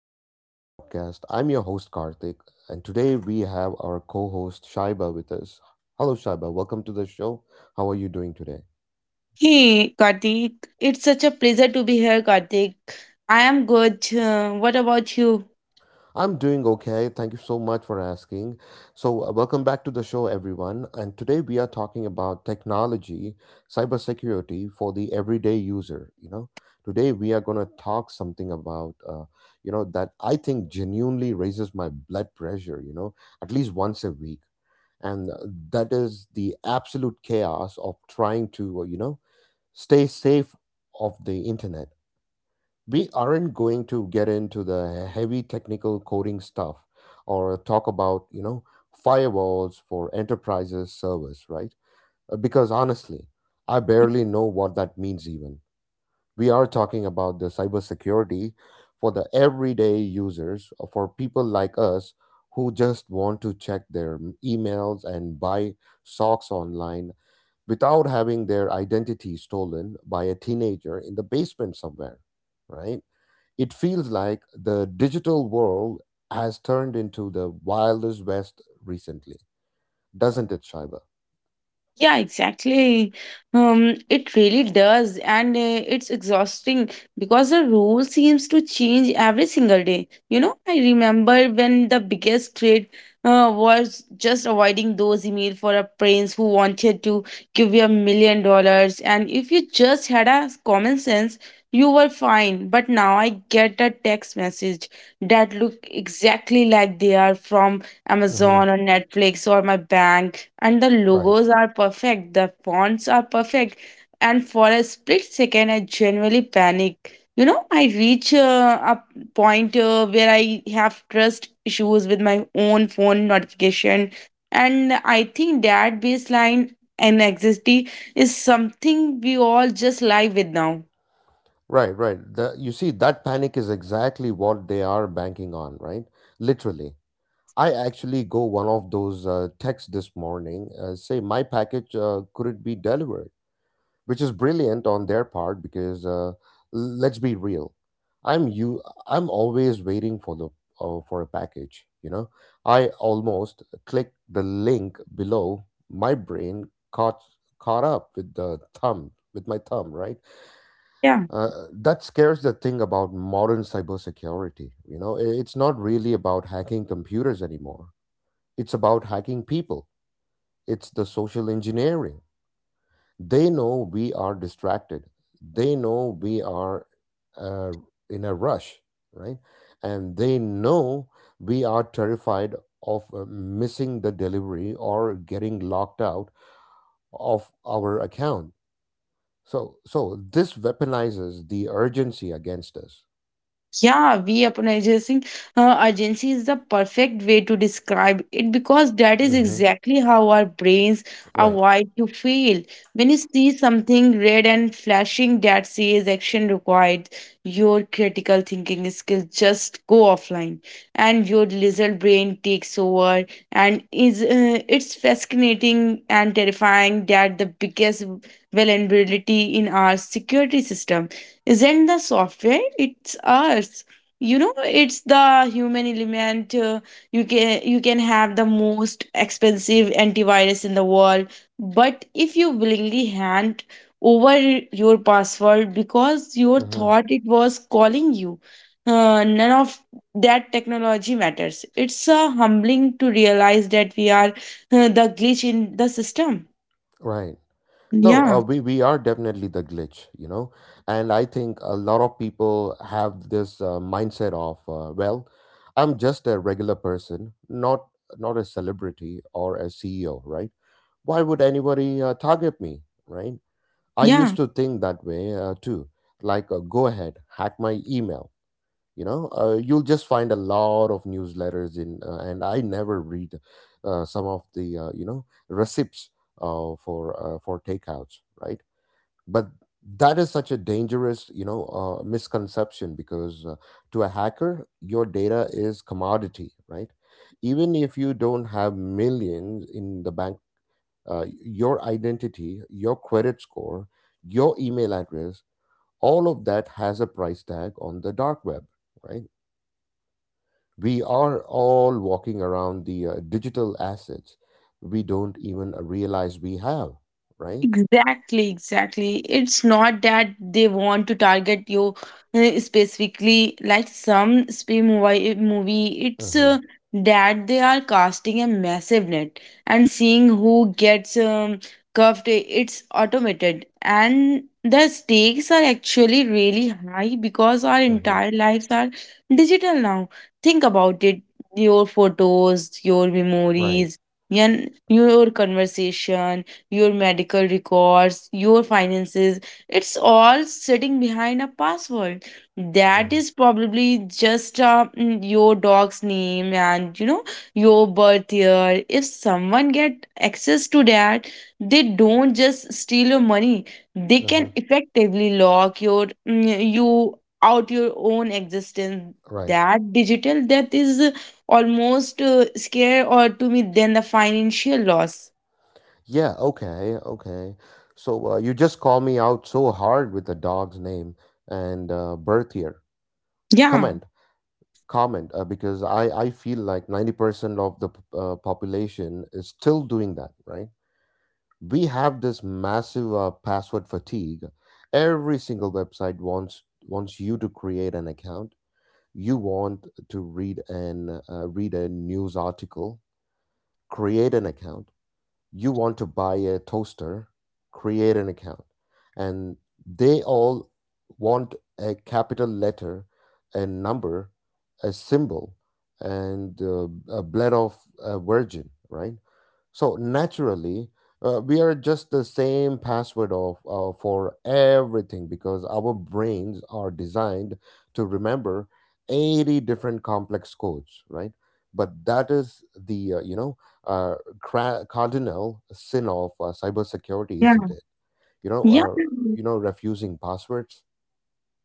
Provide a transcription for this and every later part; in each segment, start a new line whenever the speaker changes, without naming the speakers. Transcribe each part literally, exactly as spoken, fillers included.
Welcome to my podcast. I'm your host, Karthik, and today we have our co host, Shaiba, with us. Hello, Shaiba. Welcome to the show. How are you doing today?
Hey, Kartik. It's such a pleasure to be here, Kartik. I am good. Uh, what about you?
I'm doing okay. Thank you so much for asking. So, uh, welcome back to the show, everyone. And today we are talking about technology, cybersecurity for the everyday user. You know, today we are going to talk something about, uh, you know, that I think genuinely raises my blood pressure, you know, at least once a week and uh, that is the absolute chaos of trying to uh, you know, stay safe of the internet. We aren't going to get into the heavy technical coding stuff or talk about, you know, firewalls for enterprises servers, right? Uh, because honestly, I barely know what that means even. We are talking about the cybersecurity for the everyday users, uh, for people like us who just want to check their emails and buy socks online without having their identity stolen by a teenager in the basement somewhere, right? It feels like the digital world has turned into the wildest west recently, doesn't it, Shiva?
Yeah, exactly. Um, it really does, and uh, it's exhausting because the role seems to change every single day. You know, I remember when the biggest trade uh, was just avoiding those emails for a prince who wanted to give you a million dollars, and if you just had a common sense, you were fine. But now I get a text message that look exactly like they are from
Hmm.
Amazon or Netflix or my bank, and the
Right.
logos are perfect, the fonts are perfect. And for a split second, I genuinely panic. You know, I reach uh, a point uh, where I have trust issues with my own phone notification, and I think that baseline anxiety is something we all just live with now.
Right, right. The, you see, that panic is exactly what they are banking on, right? Literally. I actually go one of those uh, texts this morning, uh, say my package uh, couldn't be delivered, which is brilliant on their part because uh, l- let's be real. I'm you. I'm always waiting for the uh, for a package. You know, I almost click the link below. My brain caught caught up with the thumb with my thumb, right?
Yeah.
Uh, that scares the thing about modern cybersecurity. You know, I- it's not really about hacking computers anymore. It's about hacking people. It's the social engineering. They know we are distracted. They know we are uh, in a rush, right? And they know we are terrified of uh, missing the delivery or getting locked out of our account. So, so this weaponizes the urgency against us.
Yeah, weaponizing uh, urgency is the perfect way to describe it because that is
Mhm.
exactly how our brains are
Right.
wired to feel. When you see something red and flashing that says action required, your critical thinking skills just go offline and your lizard brain takes over. And is uh, it's fascinating and terrifying that the biggest vulnerability in our security system isn't the software, it's us, you know. It's the human element. Uh, you can you can have the most expensive antivirus in the world, but if you willingly hand over your password because you
Hmm.
thought it was calling you, uh, none of that technology matters. It's uh, humbling to realize that we are uh, the glitch in the system.
Right. No, uh,
yeah
we we are definitely the glitch, you know, and I think a lot of people have this uh, mindset of, uh, well, I'm just a regular person, not not a celebrity or a C E O, right? Why would anybody uh, target me, right? I
yeah
used to think that way uh, too. Like, uh, go ahead, hack my email, you know. Uh, you'll just find a lot of newsletters in uh, and I never read uh, some of the uh, you know, receipts uh, for uh, for takeouts, right? But that is such a dangerous, you know, uh, misconception because, uh, to a hacker your data is commodity, right? Even if you don't have millions in the bank, uh, your identity, your credit score, your email address, all of that has a price tag on the dark web, right? We are all walking around the uh, digital assets we don't even uh, realize we have, right?
Exactly, exactly. It's not that they want to target you uh, specifically like some spy movie. movie. It's
Mm-hmm.
uh, that they are casting a massive net and seeing who gets um, cuffed. eh, It's automated, and the stakes are actually really high because our
Mm-hmm.
entire lives are digital now. Think about it. Your photos, your
Right.
memories, and your conversation, your medical records, your finances. It's all sitting behind a password that
Mm-hmm.
is probably just uh, mm, your dog's name and, you know, your birth year. If someone get access to that, they don't just steal your money. They
Mm-hmm.
can effectively lock your mm, you out your own existence.
Right.
That digital death is uh, almost uh, scare or to me than the financial loss.
Yeah, okay, okay. So uh, you just call me out so hard with the dog's name and uh, birth year.
Yeah.
Comment, comment, uh, because I, I feel like ninety percent of the p- uh, population is still doing that, right? We have this massive uh, password fatigue. Every single website wants wants you to create an account. You want to read an uh, read a news article, create an account. You want to buy a toaster, create an account, and they all want a capital letter, a number, a symbol, and uh, a blend of a virgin, right? So naturally, uh, we are just the same password of uh, for everything because our brains are designed to remember eighty different complex codes, right? But that is the, uh, you know, uh, cra- cardinal sin of uh, cybersecurity, isn't it? You know,
Yeah,
uh, you know, refusing passwords.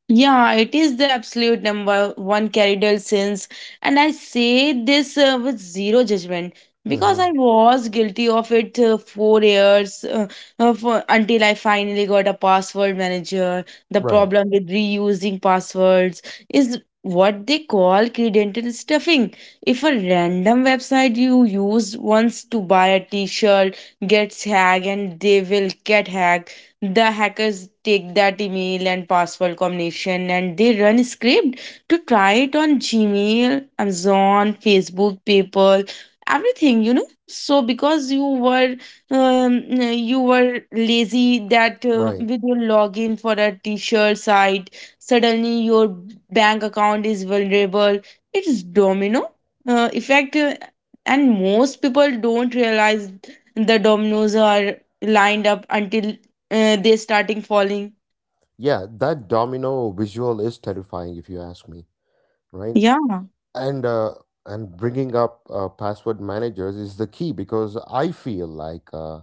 yeah, it is the absolute number one cardinal sins, and I say this uh, with zero judgment because
Hmm.
I was guilty of it uh, four years, uh, uh, for, until I finally got a password manager. The
Right,
problem with reusing passwords is what they call credential stuffing. If a random website you used once to buy a T-shirt gets hacked, and they will get hacked, the hackers take that email and password combination and they run script to try it on Gmail, Amazon, Facebook, PayPal, everything, you know. So because you were um, you were lazy that uh,
right.
with your login for a t-shirt site, suddenly your bank account is vulnerable. It's domino uh, effect, uh, and most people don't realize the dominoes are lined up until uh, they're starting falling.
Yeah, that domino visual is terrifying if you ask me, right?
Yeah,
and uh, and bringing up uh, password managers is the key because I feel like, uh,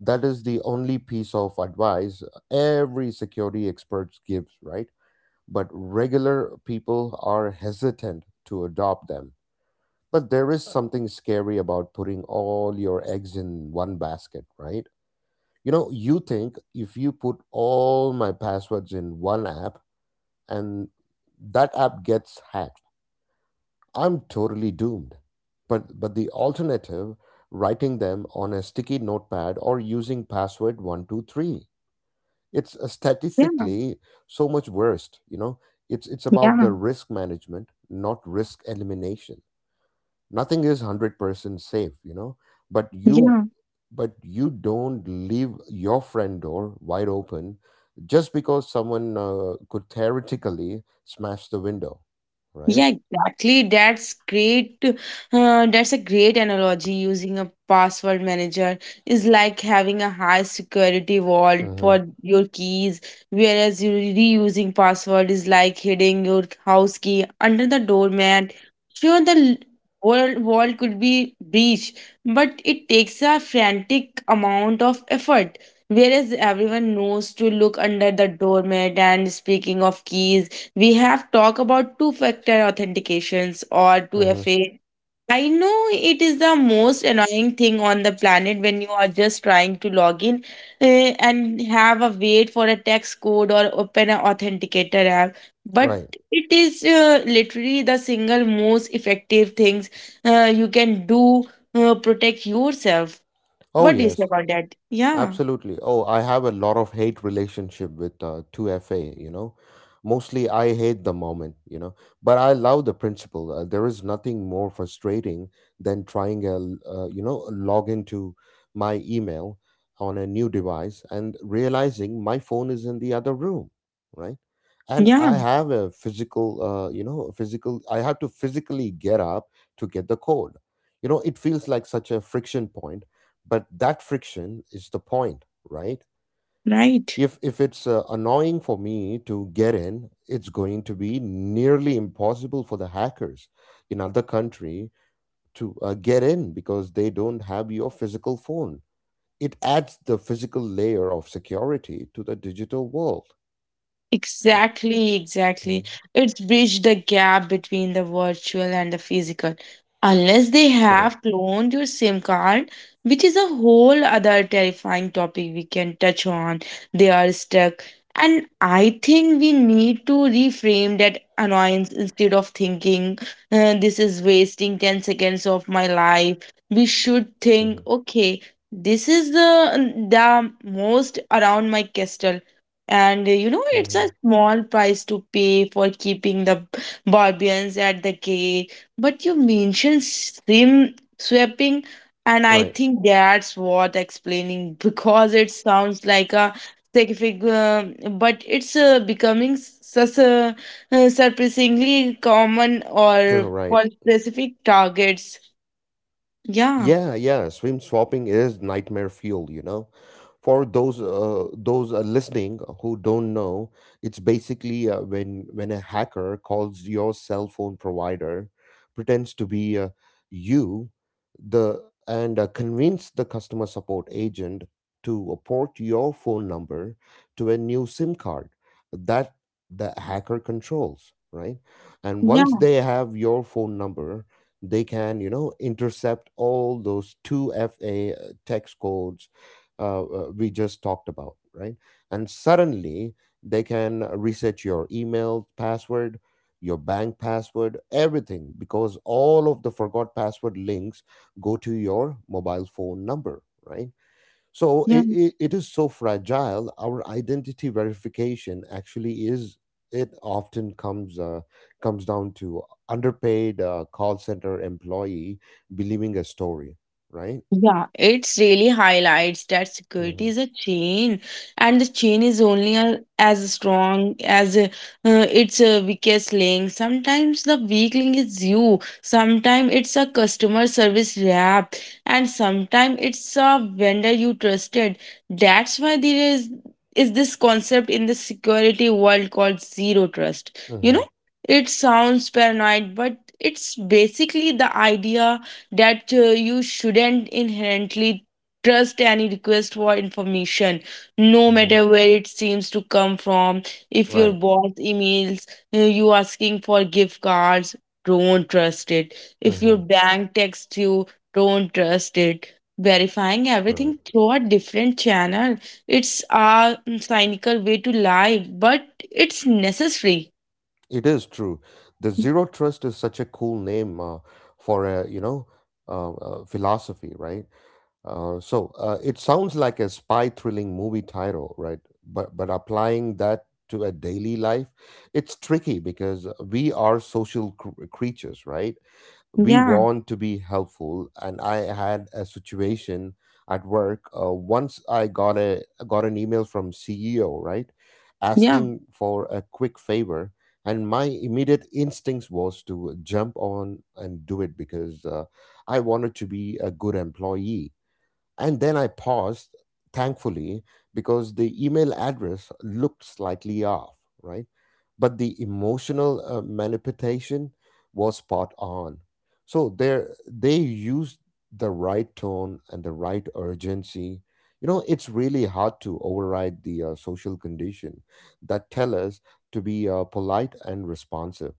that is the only piece of advice every security expert gives, right? But regular people are hesitant to adopt them, but there is something scary about putting all your eggs in one basket, right? You know, you think if you put all my passwords in one app, and that app gets hacked, I'm totally doomed. But but the alternative, writing them on a sticky notepad or using password one two three. It's, uh,
yeah,
statistically so much worse, you know. It's it's about
yeah,
the risk management, not risk elimination. Nothing is one hundred percent safe, you know. But you
yeah.
but you don't leave your friend door wide open just because someone uh, could theoretically smash the window, right?
Yeah, exactly. That's great. Uh, that's a great analogy. Using a password manager is like having a high security vault
Mhm.
for your keys, whereas you reusing password is like hiding your house key under the doormat. Sure, the world vault could be breached, but it takes a frantic amount of effort. Whereas everyone knows to look under the doormat. And speaking of keys, we have talked about two factor authentications or
Mhm.
two F A. I know it is the most annoying thing on the planet when you are just trying to log in, eh, and have a wait for a text code or open an authenticator app. But
Right.
it is uh, literally the single most effective things uh, you can do uh, protect yourself.
Oh,
What do you say
yes,
about that? Yeah,
absolutely. Oh, I have a lot of hate relationship with uh, two F A, you know. Mostly I hate the moment, you know, but I love the principle. Uh, there is nothing more frustrating than trying a, l- uh, you know, log into my email on a new device and realizing my phone is in the other room, right? And
yeah,
I have a physical, uh, you know, a physical, I have to physically get up to get the code. You know, it feels like such a friction point, but that friction is the point, right?
right.
If if it's uh, annoying for me to get in, it's going to be nearly impossible for the hackers in other country to uh, get in because they don't have your physical phone. It adds the physical layer of security to the digital world, right?
Exactly, exactly.
Mhm.
It's bridged the gap between the virtual and the physical. Unless they
Correct.
have cloned your SIM card, which is a whole other terrifying topic we can touch on, they are stuck. And I think we need to reframe that annoyance. Instead of thinking, "Uh, this is wasting ten seconds of my life," we should think,
Mhm.
okay, this is the, the most around my castle, and, uh, you know, it's a
Mhm.
small price to pay for keeping the b- Barbarians at the gate. But you mentioned sim swapping, and I
Right.
think that's what explaining because it sounds like a scientific, uh, but it's uh, becoming such a uh, surprisingly common or
Right.
for specific targets. Yeah,
Yeah, yeah, swim swapping is nightmare fuel, you know. For those uh, those uh, listening who don't know, it's basically uh, when when a hacker calls your cell phone provider, pretends to be uh, you, the and uh, convince the customer support agent to port your phone number to a new SIM card that the hacker controls, right? And once
yeah,
they have your phone number, they can, you know, intercept all those two F A uh, text codes uh, uh, we just talked about, right? And suddenly they can reset your email password, your bank password, everything because all of the forgot password links go to your mobile phone number, right? so
yeah.
it, it, it is so fragile. Our identity verification actually is, it often comes uh, comes down to underpaid uh, call center employee believing a story, right?
Yeah, it's really highlights that
Hmm.
security is a chain, and the chain is only a, as strong as uh, uh, its uh, weakest link. Sometimes the weak link is you, sometimes it's a customer service rep, and sometimes it's a vendor you trusted. That's why there is is this concept in the security world called zero trust. You
Hmm.
know, it sounds paranoid, but it's basically the idea that uh, you shouldn't inherently trust any request for information, no
Hmm.
matter where it seems to come from. If your
Right.
boss emails uh, you asking for gift cards, don't trust it. If your
Hmm.
bank texts you, don't trust it. Verifying
Right.
everything through a different channel, it's a mm, cynical way to lie, but it's necessary.
It is true. The zero trust is such a cool name, uh, for a you know uh, uh, philosophy, right? Uh, so uh, it sounds like a spy thrilling movie title, right? But but applying that to a daily life, it's tricky because we are social cr- creatures, right? We
yeah
want to be helpful, and I had a situation at work. Uh, once I got a got an email from C E O, right,
yeah
asking for a quick favor, and my immediate instincts was to jump on and do it because uh, I wanted to be a good employee, and then I paused, thankfully, because the email address looked slightly off, right? But the emotional uh, manipulation was spot on. So there, they used the right tone and the right urgency. You know, it's really hard to override the uh, social condition that tell us to be uh, polite and responsive,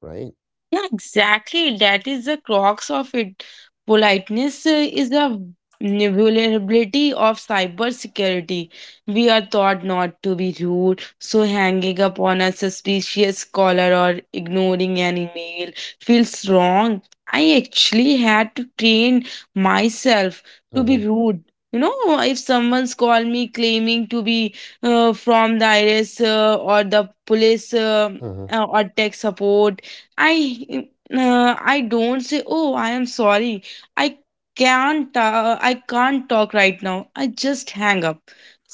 right?
Yeah, exactly. That is the crux of it. Politeness uh, is the vulnerability of cybersecurity. We are taught not to be rude, so hanging up on a suspicious caller or ignoring an email feels wrong. I actually had to train myself to
Mm-hmm.
be rude. You know, if someone's called me claiming to be uh, from the I R S, uh, or the police, uh,
Mm-hmm.
uh, or tech support, I uh, I don't say, "Oh, I am sorry. I can't uh, I can't talk right now." I just hang up.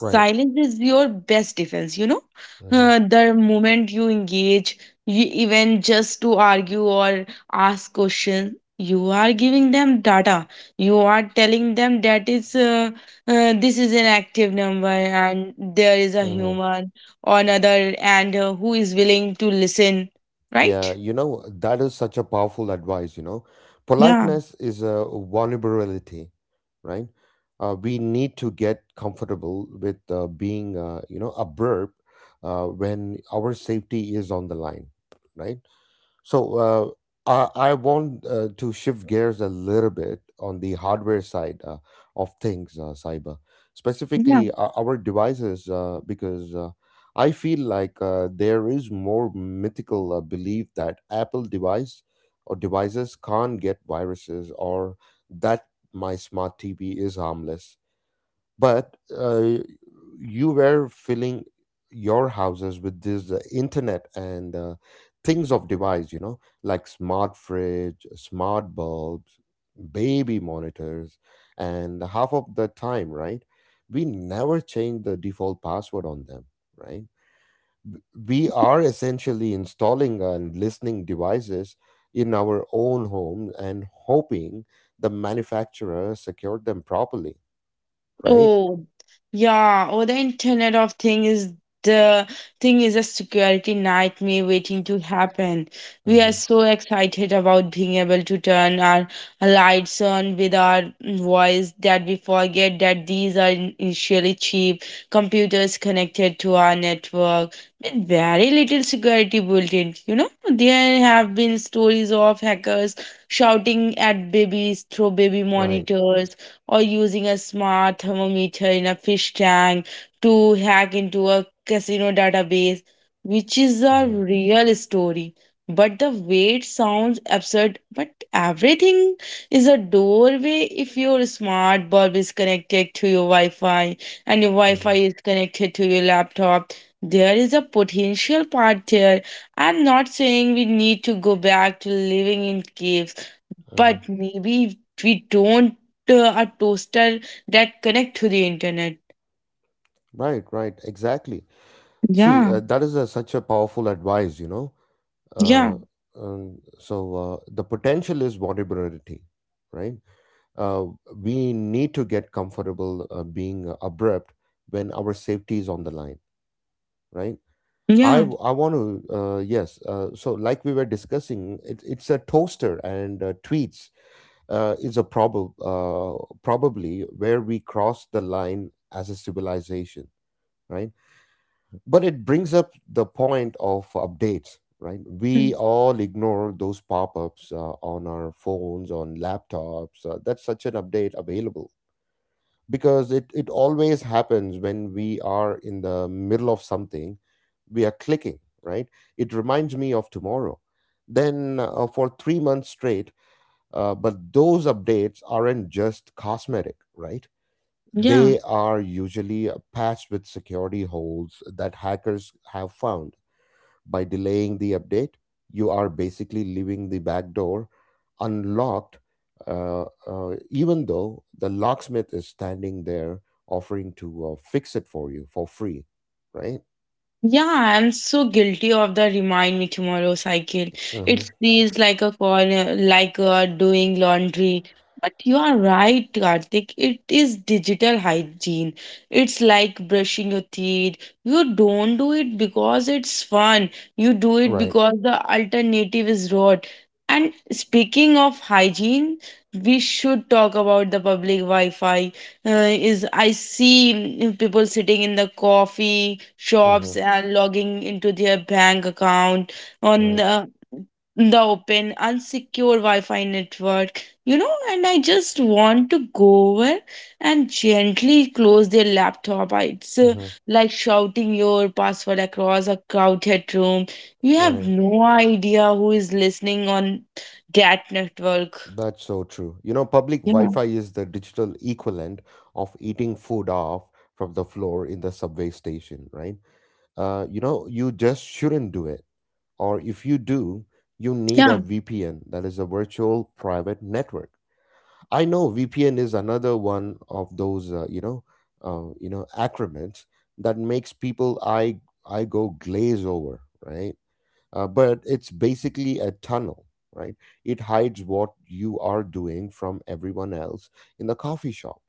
Right.
is your best defense, you know?
Mm-hmm.
Uh, the moment you engage, you even just to argue or ask question, you are giving them data. You are telling them that is uh, uh, this is an active number and there is a
Mm-hmm.
human on other and, uh, who is willing to listen,
Yeah,
right?
you know, that is such a powerful advice, you know.
Yeah,
Politeness is a vulnerability, right? Uh, we need to get comfortable with uh, being, uh, you know, abrupt uh, when our safety is on the line, right? So uh, I, I want uh, to shift gears a little bit on the hardware side uh, of things, uh, Cyber,
yeah.
specifically uh, our devices, uh, because uh, I feel like, uh, there is more mythical uh, belief that Apple device or devices can't get viruses or that my smart T V is harmless, but uh, you were filling your houses with this uh, internet and, uh, things of device, you know, like smart fridge, smart bulbs, baby monitors, and half of the time, right, we never change the default password on them, right? We are essentially installing and listening devices in our own home and hoping the manufacturer secured them properly, right?
Oh, yeah. Oh, the Internet of Things is the thing is a security nightmare waiting to happen. We are
Hmm.
so excited about being able to turn our lights on with our voice that we forget that these are in- initially cheap computers connected to our network with very little security built in. You know, there have been stories of hackers shouting at babies through baby
Right.
monitors or using a smart thermometer in a fish tank to hack into a casino database, which is a
Uh-huh.
real story. But the way it sounds absurd, but everything is a doorway. If your smart bulb is connected to your Wi Fi and your Wi Fi
Uh-huh.
is connected to your laptop, there is a potential part there. I'm not saying we need to go back to living in caves,
Uh-huh.
but maybe we don't uh, a toaster that connect to the internet.
Right, right, exactly. See,
Yeah,
uh, that is a, such a powerful advice, you know.
yeah,
Uh, um, so uh, the potential is vulnerability, right? Uh, we need to get comfortable uh, being abrupt when our safety is on the line, right? I
yeah,
w- I want to, uh, yes. Uh, so like we were discussing, it, it's a toaster and uh, tweets uh, is a problem, uh, probably where we cross the line as a civilization, right? But it brings up the point of updates, right? We
mm,
all ignore those pop-ups uh, on our phones, on laptops, uh, that's such an update available. Because it, it always happens when we are in the middle of something, we are clicking, right? It reminds me of tomorrow then uh, for three months straight. Uh, but those updates aren't just cosmetic, right?
yeah.
They are usually uh, patched with security holes that hackers have found. By delaying the update, you are basically leaving the back door unlocked, uh, uh, even though the locksmith is standing there offering to uh, fix it for you for free, right?
Yeah, I'm so guilty of the remind me tomorrow cycle.
Hmm.
It feels like a corner, like uh, doing laundry. But you are right, Karthik. It is digital hygiene. It's like brushing your teeth. You don't do it because it's fun. You do it
Right.
because the alternative is rot. And speaking of hygiene, we should talk about the public Wi-Fi. Uh, is I see mm, people sitting in the coffee shops
Hmm.
and logging into their bank account on
Right.
the, the open, unsecure Wi Fi network, you know. And I just want to go over and gently close their laptop. I- It's uh,
Hmm.
like shouting your password across a crowded room. You have
Right.
no idea who is listening on that network.
That's so true. You know, public Wi
Yeah,
Fi is the digital equivalent of eating food off from the floor in the subway station, right? Uh, you know, you just shouldn't do it. Or if you do, you need a
yeah,
V P N, that is a virtual private network. I know V P N is another one of those, uh, you know, uh, you know, acronyms that makes people I I go glaze over, right? Uh, but it's basically a tunnel, right? It hides what you are doing from everyone else in the coffee shop.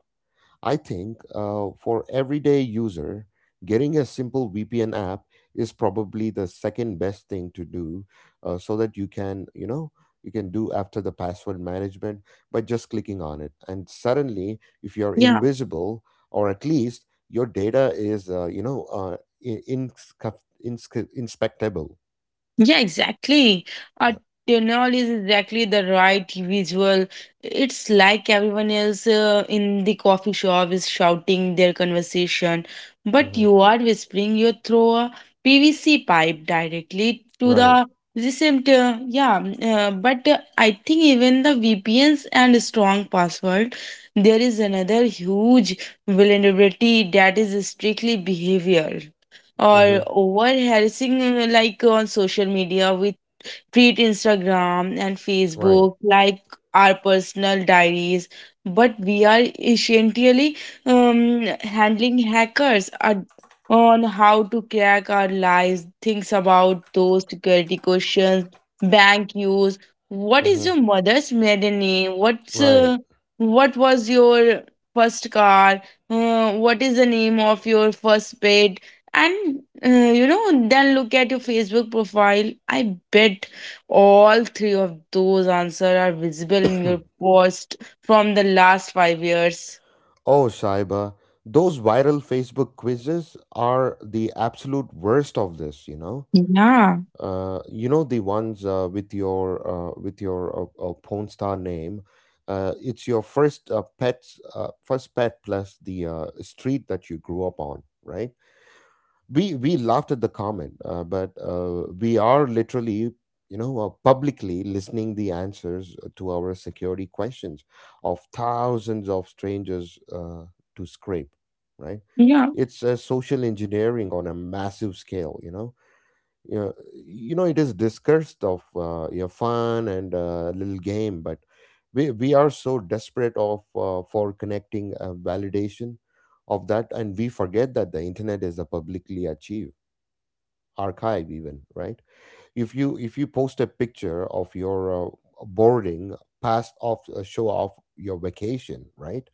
I think uh, for everyday user, getting a simple V P N app is probably the second best thing to do, uh, so that you can, you know, you can do after the password management by just clicking on it. And suddenly, if you're
yeah.
invisible, or at least your data is, uh, you know, uh, i- insca- insca- inspectable.
Yeah, exactly. A
Yeah.
tunnel is exactly the right visual. It's like everyone else uh, in the coffee shop is shouting their conversation, but
Hmm.
you are whispering your through a P V C pipe directly to
Right.
the recent. Uh, yeah, mm, uh, but uh, I think even the V P Ns and strong password, there is another huge vulnerability that is strictly behavior. Or
Hmm.
overharassing like on social media, with treat Instagram and
Right.
Facebook like our personal diaries, but we are essentially um, handling hackers are on how to crack our lives, things about those security questions, bank use. What is
Hmm.
your mother's maiden name? What's
Right.
uh, what was your first car? Uh, what is the name of your first pet? And uh, You know, then look at your Facebook profile. I bet all three of those answers are visible in your post from the last five years.
Oh, Shaiba, those viral Facebook quizzes are the absolute worst of this, you know.
Yeah,
Uh, you know the ones uh, with your uh, with your uh, uh, porn star name. Uh, it's your first uh, pet's uh, first pet plus the uh, street that you grew up on, right? we we laughed at the comment, uh, but uh, we are literally, you know uh, publicly listening the answers uh, to our security questions of thousands of strangers uh, to scrape, right?
yeah,
It's a social engineering on a massive scale, you know you know, you know It is discussed of uh, your fun and uh, little game, but we, we are so desperate of uh, for connecting uh, validation of that, and we forget that the internet is a publicly achieved archive even, right? If you if you post a picture of your uh, boarding past off uh, show off your vacation, right?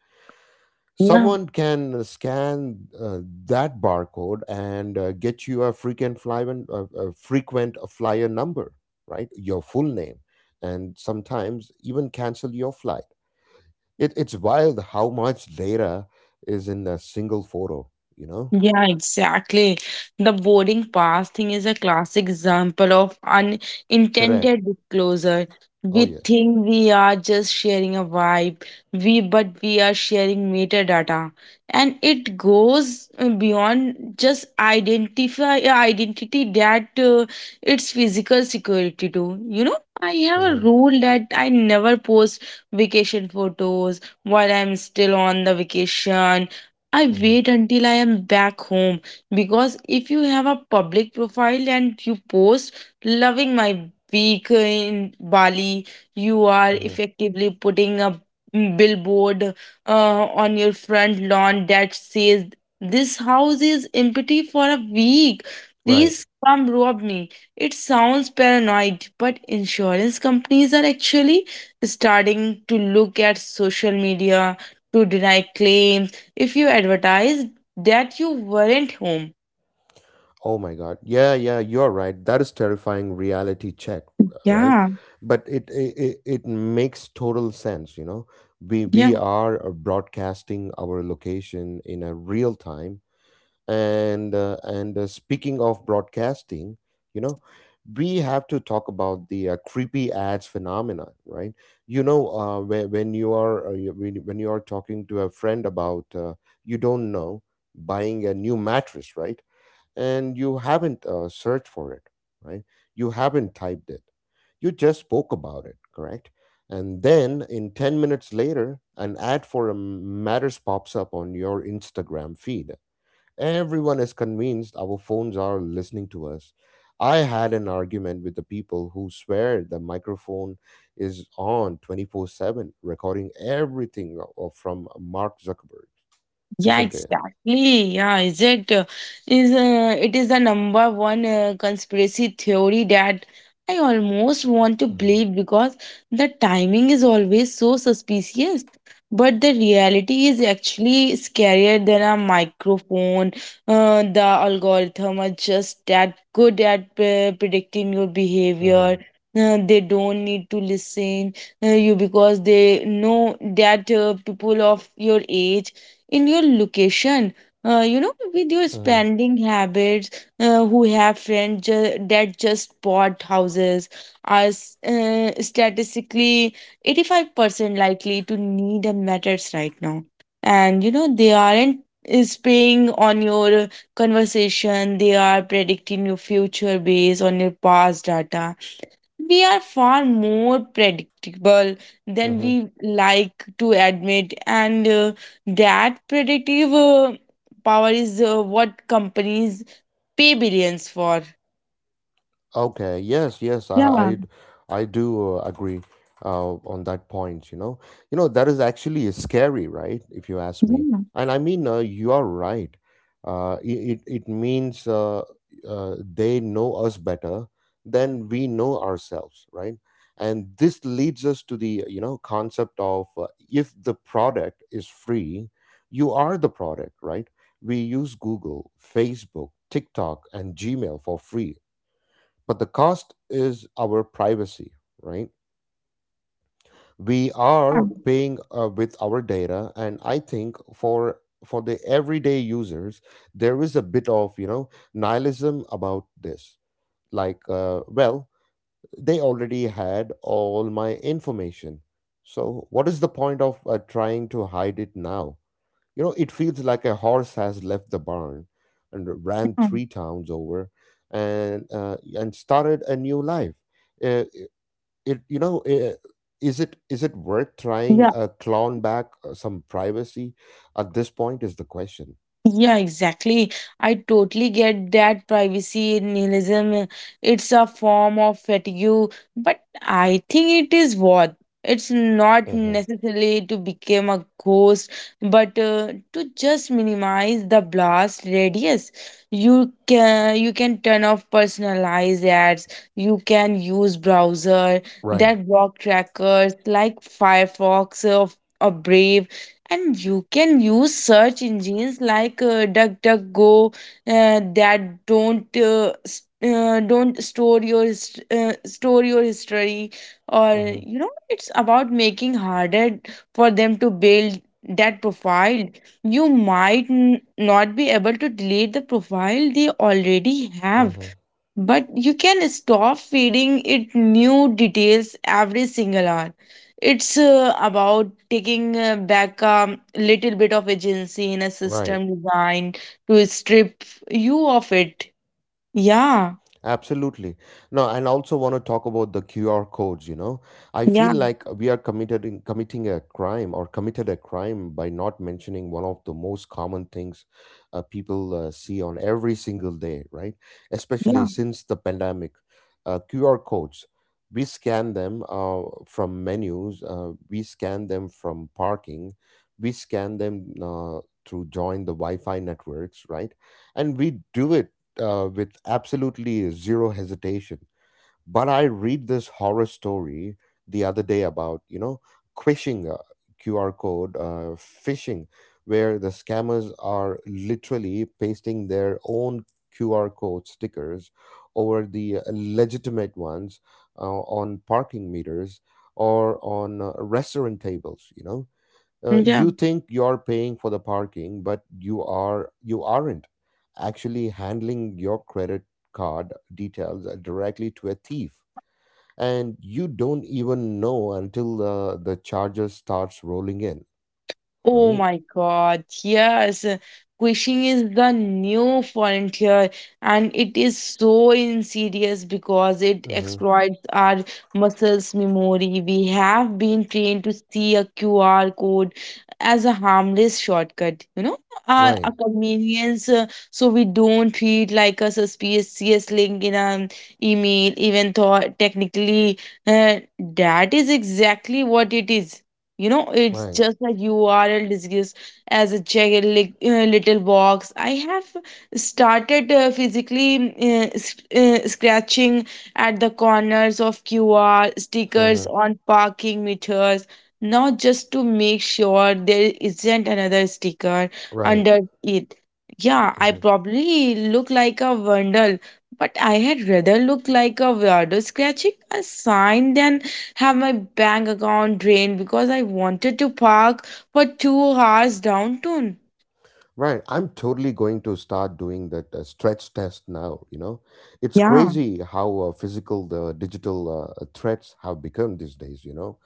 yeah.
Someone can scan uh, that barcode and uh, get you a frequent flyer uh, a frequent flyer number, right? Your full name, and sometimes even cancel your flight. It, it's wild how much data is in a single photo, you know.
Yeah, exactly. The boarding pass thing is a classic example of
Correct.
unintended disclosure.
Oh,
We
yes.
think we are just sharing a vibe, we but we are sharing metadata, and it goes uh, beyond just identify uh, identity that uh, it's physical security too. You know, I have a
Uh-huh,
rule that I never post vacation photos while I'm still on the vacation. I
uh-huh,
wait until I am back home, because if you have a public profile and you post, "Loving my week in Bali," you are
uh-huh.
effectively putting a billboard uh, on your front lawn that says, "This house is empty for a week.
Right.
Please come rob me." It sounds paranoid, but insurance companies are actually starting to look at social media to deny claims if you advertised that you weren't home.
Oh my God. Yeah, yeah, you're right. That is terrifying reality check, uh, right?
Yeah,
But it it, it it makes total sense, you know. We
yeah.
we are uh, broadcasting our location in a real time. And uh, and uh, speaking of broadcasting, you know, we have to talk about the uh, creepy ads phenomenon, right? You know, uh, when when you are uh, you- when when you are talking to a friend about uh, you don't know, buying a new mattress, right? And you haven't uh, searched for it, right? You haven't typed it. You just spoke about it, correct? And then in ten minutes later, an ad for a matters pops up on your Instagram feed. Everyone is convinced our phones are listening to us. I had an argument with the people who swear the microphone is on twenty-four seven, recording everything o- from Mark Zuckerberg,
Yeah,
isn't it?
exactly. Yeah, is it uh, is uh, It is the number one uh, conspiracy theory that I almost want to
Uh-huh,
believe, because the timing is always so suspicious. But the reality is actually scarier than a microphone. Uh, the algorithm are just that good at uh, predicting your
uh-huh,
behavior. Uh, they don't need to listen uh, you, because they know that uh, people of your age, in your location, uh, you know, with your
uh-huh,
spending habits, uh, who have friends ju- that just bought houses are s- uh, statistically eighty-five percent likely to need a mattress right now. And you know, they aren't uh, spying on your conversation. They are predicting your future based on your past data. We are far more predictable than
uh-huh.
we like to admit. And uh, That predictive uh, power is uh, what companies pay billions for.
Okay. Yes. Yes.
Yeah,
I. I, I do uh, agree uh, on that point. You know. You know that is actually scary, right? If you ask me,
yeah,
and I mean, uh, you are right. Uh, it it it means uh, uh, they know us better than we know ourselves, right? And this leads us to the, you know, concept of uh, if the product is free, you are the product, right? We use Google, Facebook, TikTok, and Gmail for free, but the cost is our privacy, right? We
yeah,
are paying uh, with our data, and I think for for the everyday users, there is a bit of, you know, nihilism about this. Like, uh, well, they already had all my information, so what is the point of uh, trying to hide it now? You know, it feels like a horse has left the barn and ran three towns over, and uh, and started a new life. Uh, it you know eh, is it is it worth trying
yeah.
a clone back uh, some privacy at this point, is the question.
Yeah, exactly. I totally get that privacy nihilism. uh, It's a form of fatigue, but I think it is worth. It's not
Mm-hmm.
necessarily to become a ghost, but uh, to just minimize the blast radius. You can you can turn off personalized ads. You can use browser
Right.
that block trackers like Firefox, or or Brave, and you can use search engines like uh, DuckDuckGo uh, that don't uh, s- uh, don't store your hist- uh, store your history. Or
Mm-hmm.
you know, it's about making harder for them to build that profile. You might n- not be able to delete the profile they already have,
Mm-hmm.
but you can stop feeding it new details every single hour. It's uh, about taking uh, back a little bit of agency in a
Right.
system designed to strip you of it. Yeah.
Absolutely. No, and also want to talk about the Q R codes, you know. I
Yeah,
feel like we are committed in committing a crime, or committed a crime by not mentioning one of the most common things uh, people uh, see on every single day, right? Especially
yeah.
since the pandemic. Uh, Q R codes. We scan them uh, from menus, uh, we scan them from parking, we scan them uh, through join the Wi-Fi networks, right? And we do it uh, with absolutely zero hesitation. But I read this horror story the other day about, you know, phishing, uh, Q R code, uh, phishing, where the scammers are literally pasting their own Q R code stickers over the legitimate ones uh, on parking meters or on uh, restaurant tables, you know. Uh,
Yeah.
you think you're paying for the parking, but you are, you aren't actually handling your credit card details directly to a thief, and you don't even know until uh, the charges starts rolling in,
Oh
right.
my God, yes. Quishing is the new frontier, and it is so insidious because it
Hmm.
exploits our muscles memory. We have been trained to see a Q R code as a harmless shortcut, you know, uh, a
Right.
convenience. Uh, so we don't treat like a suspicious link in an email, even though technically uh, that is exactly what it is. You know, it's
Right.
just a U R L disguised as a check li- uh, little box. I have started uh, physically uh, s- uh, scratching at the corners of Q R stickers
Uh.
on parking meters, not just to make sure there isn't another sticker
Right.
under it. Yeah, I
Hmm.
probably look like a vandal, but I had rather look like a weirdo scratching a sign than have my bank account drained because I wanted to park for two hours downtown.
Right. I'm totally going to start doing that uh, stretch test now, you know. It's
Yeah.
crazy how uh, physical the digital uh, threats have become these days, you know.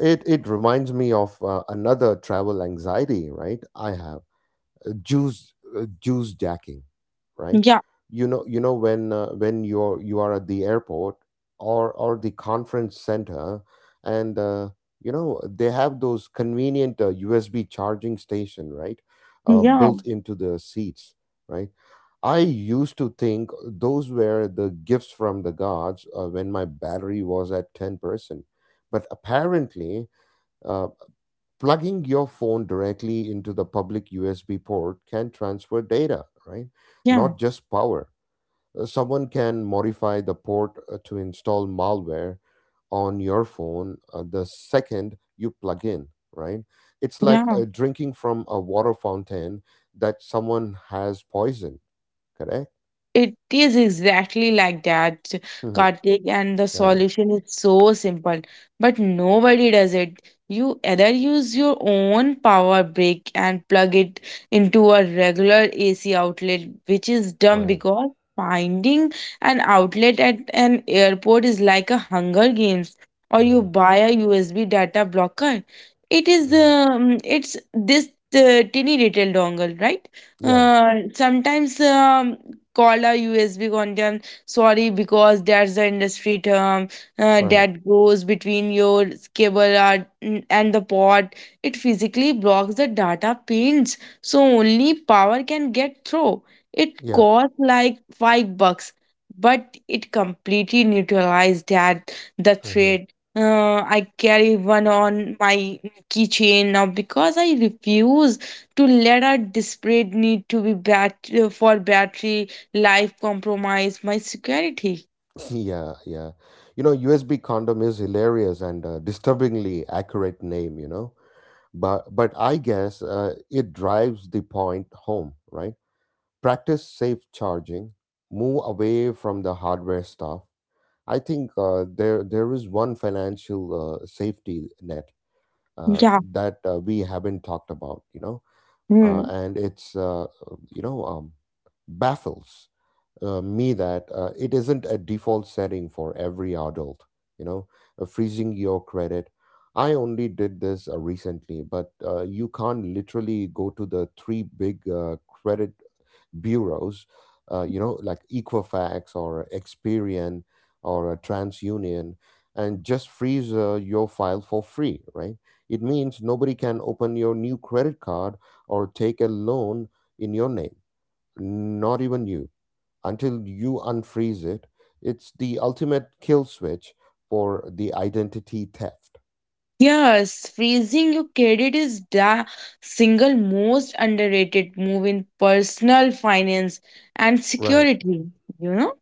It it reminds me of uh, another travel anxiety, right? I have uh, juice uh, juice jacking, right?
Yeah,
You know you know when uh, when you're you are at the airport or or the conference center, and uh, you know they have those convenient uh, U S B charging station, right? Uh,
yeah,
built into the seats, right? I used to think those were the gifts from the gods uh, when my battery was at ten percent. But apparently, uh, plugging your phone directly into the public U S B port can transfer data, right?
yeah,
Not just power. Uh, Someone can modify the port uh, to install malware on your phone uh, the second you plug in, right? It's like
yeah.
uh, drinking from a water fountain that someone has poisoned, correct?
It is exactly like that,
Mhm.
Kartik, and the
Yeah,
solution is so simple, but nobody does it. You either use your own power brick and plug it into a regular A C outlet, which is dumb
right.
because finding an outlet at an airport is like a Hunger Games, or you
Uh-huh.
buy a U S B data blocker. It is
Uh-huh.
um, it's this uh, tiny little dongle, right?
Yeah,
uh, sometimes um, call a U S B condom. Sorry, because that's the industry term uh,
right.
that goes between your cable and and the port. It physically blocks the data pins, so only power can get through. It
Yeah.
costs like five bucks, but it completely neutralized that the
Uh-huh.
thread. Uh, I carry one on my keychain now because I refuse to let our desperate need to be bat- for battery life compromise my security.
Yeah, yeah. You know, U S B condom is hilarious and uh, disturbingly accurate name, you know. But but I guess uh, it drives the point home, right? Practice safe charging, move away from the hardware stuff. I think uh, there there is one financial uh, safety net uh,
Yeah.
that uh, we haven't talked about, you know, uh,
Hmm.
and it's uh, you know um, baffles uh, me that uh, it isn't a default setting for every adult, you know, uh, freezing your credit. I only did this uh, recently, but uh, you can't literally go to the three big uh, credit bureaus, uh, you know, like Equifax or Experian or uh, TransUnion, and just freeze uh, your file for free, right? It means nobody can open your new credit card or take a loan in your name, not even you until you unfreeze it. It's the ultimate kill switch for the identity theft.
Yes, freezing your credit is the single most underrated move in personal finance and
Right.
security. You know,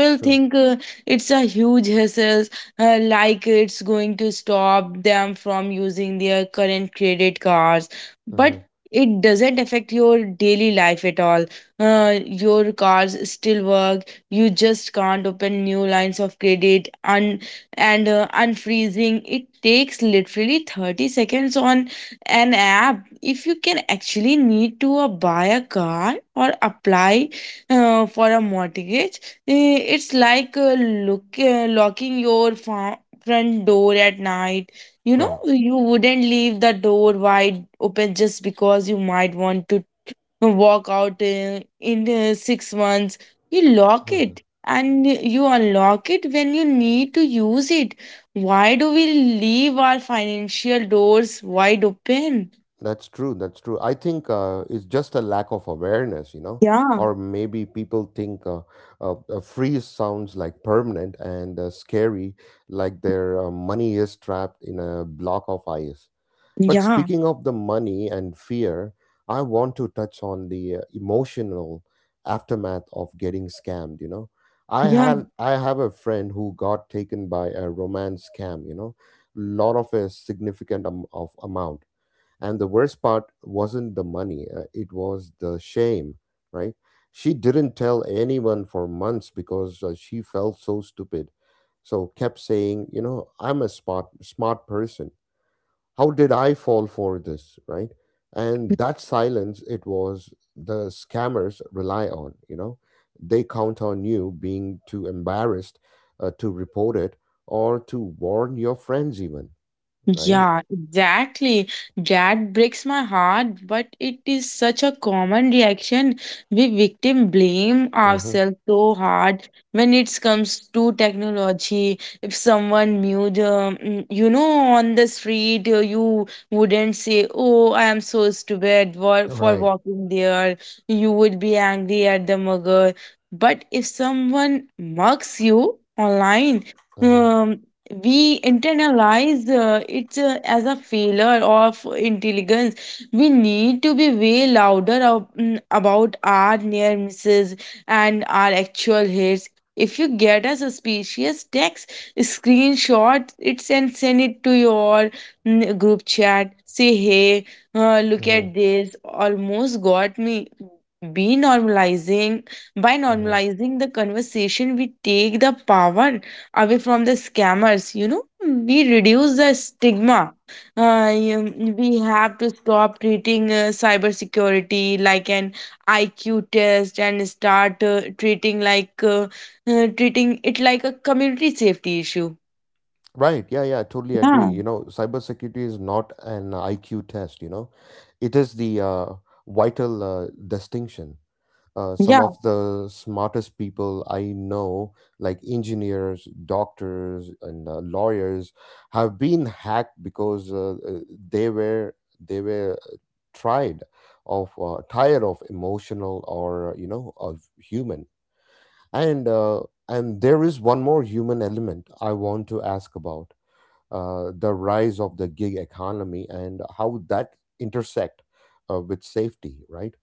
It's true.
think uh, it's a huge hassle, uh, like it's going to stop them from using their current credit cards, but
Mhm.
it doesn't affect your daily life at all. Uh, your cards still work. You just can't open new lines of credit. And uh, Unfreezing, it takes literally thirty seconds on an app. If you can actually need to uh, buy a car or apply uh, for a mortgage, eh, it's like, uh, look, uh, locking your fa- front door at night. You know,
Right.
you wouldn't leave the door wide open just because you might want to walk out uh, in uh, six months. You lock
Mhm.
it, and you unlock it when you need to use it. Why do we leave our financial doors wide open?
That's true. That's true. I think uh, it's just a lack of awareness, you know,
Yeah,
or maybe people think uh, uh, a freeze sounds like permanent and uh, scary, like their uh, money is trapped in a block of ice. But
yeah,
speaking of the money and fear, I want to touch on the uh, emotional aftermath of getting scammed, you know. I
yeah.
had I have a friend who got taken by a romance scam, you know, lot of a significant am- of amount. And the worst part wasn't the money, uh, it was the shame, right? She didn't tell anyone for months because uh, she felt so stupid. So kept saying, you know, I'm a smart smart person, how did I fall for this, right? And that silence, it was the scammers rely on, you know. They count on you being too embarrassed uh, to report it or to warn your friends even, right.
Yeah, exactly. That breaks my heart, but it is such a common reaction. We victim blame
Mm-hmm.
ourselves so hard when it comes to technology. If someone mute, um, mm, you know, on the street, uh, you wouldn't say, "Oh, I am so stupid for for
Right.
walking there." You would be angry at the mugger. But if someone mugs you online,
Uh-huh.
um we internalize uh, it uh, as a failure of intelligence. We need to be way louder ab- mm, about our near misses and our actual hits. If you get a suspicious text, screenshot it and send it to your mm, group chat. Say, "Hey, uh, look
Uh-huh.
at this, almost got me." Be normalizing by
Uh-huh.
normalizing the conversation, we take the power away from the scammers. You know, we reduce the stigma. Uh, you- we have to stop treating uh, cybersecurity like an I Q test, and start uh, treating like uh, uh, treating it like a community safety issue.
Right, yeah, yeah, I totally agree. You know cybersecurity is not an IQ test. You know it is the uh, vital uh, distinction uh, Some
Yeah.
of the smartest people I know, like engineers, doctors, and uh, lawyers, have been hacked because uh, uh, they were they were uh, tried of uh, tired of emotional or uh, you know of human and uh, and there is one more human element I want to ask about: uh, the rise of the gig economy and how that intersect uh, with safety, right?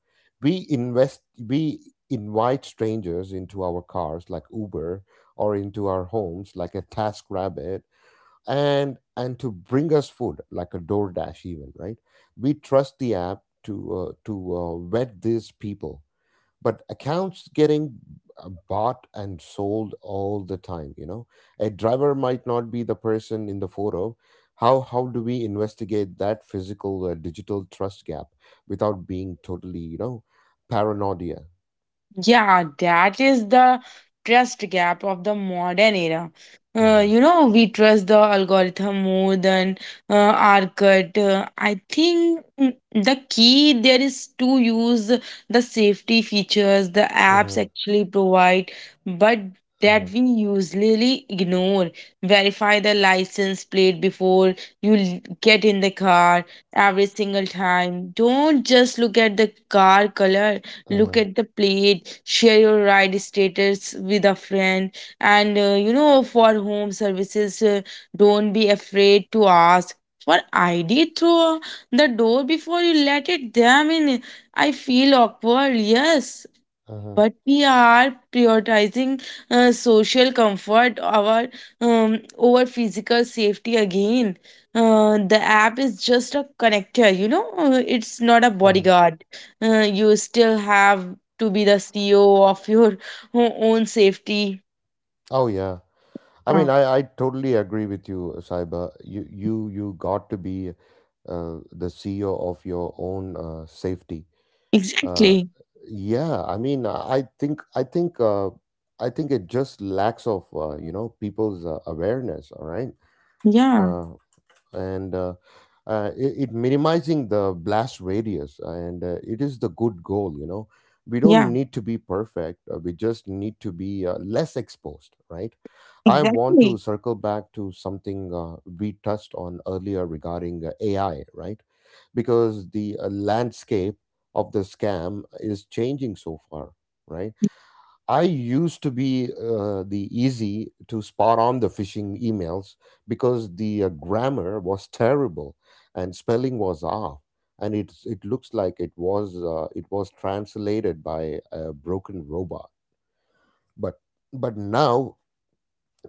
we invest we invite strangers into our cars like Uber, or into our homes like a Task Rabbit, and and to bring us food like a DoorDash, even, right? We trust the app to uh, to uh, vet these people, but accounts getting uh, bought and sold all the time, you know. A driver might not be the person in the photo. How how do we investigate that physical uh, digital trust gap without being totally, you know, paranoia?
Yeah, that is the trust gap of the modern era. Uh,
Hmm.
you know, we trust the algorithm more than uh, our gut. Uh, I think, mm, the key there is to use the safety features the apps
Hmm.
actually provide, but that
Hmm.
we usually ignore. Verify the license plate before you l- get in the car, every single time. Don't just look at the car color, look
Hmm.
at the plate. Share your ride status with a friend. And uh, You know, for home services, uh, don't be afraid to ask for ID through the door before you let it them in. I feel awkward, yes,
Hmm.
but we are prioritizing uh, social comfort our um, over physical safety again. Uh, the app is just a connector, you know. Uh, it's not a
Hmm.
bodyguard. Uh, you still have to be the CEO of your o- own safety.
Oh yeah, I mean,
Uh,
i i totally agree with you. Cyber you you you got to be uh, the CEO of your own uh, safety. Uh,
exactly.
yeah, I mean, I think, I think, uh, I think it just lacks of uh, you know people's uh, awareness. All right,
Yeah,
uh, and uh, uh, it, it minimizing the blast radius, and uh, it is the good goal, you know. We
yeah,
don't need to be perfect, uh, we just need to be uh, less exposed, right? I want to
exactly.
circle back to something uh, we touched on earlier regarding uh, AI, right? Because the uh, landscape of the scam is changing so far, right? I used to be uh, the easy to spot on the phishing emails, because the uh, grammar was terrible and spelling was off, and it it looks like it was uh, it was translated by a broken robot. But but now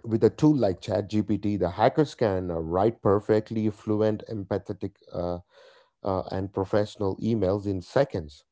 with a tool like ChatGPT, the hackers can uh, write perfectly fluent, empathetic, uh, uh, and professional emails in seconds,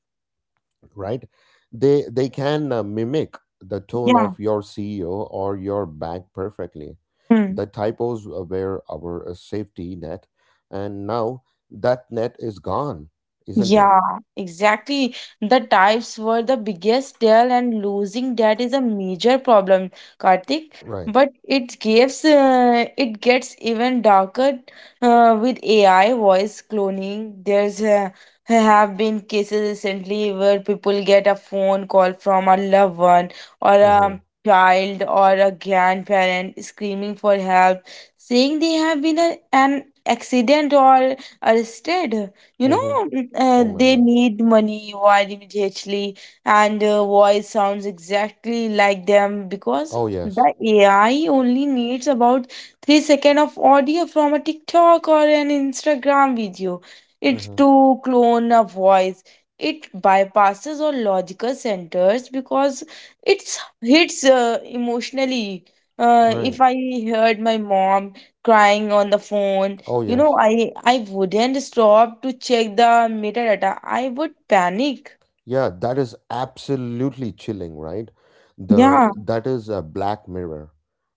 right? They they can uh, mimic the tone
Yeah.
of your CEO or your bank perfectly.
Hmm.
The typos were our uh, safety net, and now that net is gone, isn't it?
Yeah, exactly. The types were the biggest deal, and losing that is a major problem, Karthik.
Right.
But it gives uh, it gets even darker uh, with A I voice cloning. There's uh, have been cases recently where people get a phone call from a loved one, or
Mm-hmm.
a child, or a grandparent screaming for help, saying they have been a, an accident or arrested, you
Mm-hmm.
know. Mm, uh,
Oh my
they
god.
need money wired immediately, and uh, voice sounds exactly like them, because
Oh yes.
the A I only needs about three seconds of audio from a TikTok or an Instagram video it's
Mm-hmm.
to clone a voice. It bypasses all logical centers because it's hits uh, emotionally. Uh, if
Right.
I heard my mom crying on the phone,
Oh
you know,
yes.
I I wouldn't stop to check the metadata. I would panic.
Yeah, that is absolutely chilling, right? The
Yeah.
that is a black mirror,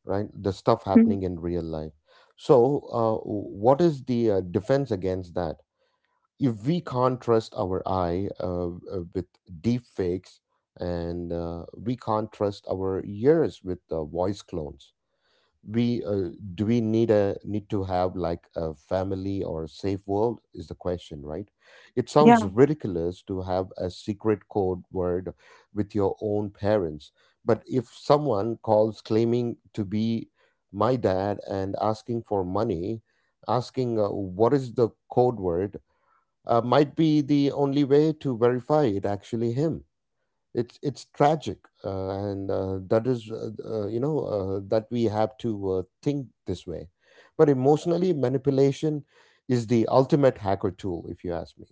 right? The stuff
Mm.
happening in real life. So, uh, what is the uh, defense against that? If we can't trust our eye uh, uh, with deep fakes, and uh, we can't trust our ears with uh, voice clones, we uh, do we need a need to have like a family or a safe world is the question, right? It sounds
Yeah.
ridiculous to have a secret code word with your own parents, but if someone calls claiming to be my dad and asking for money, asking uh, what is the code word uh, might be the only way to verify it actually him. It's it's tragic, uh, and uh, that is uh, uh, you know uh, that we have to uh, think this way. But emotionally manipulation is the ultimate hacker tool, if you ask me.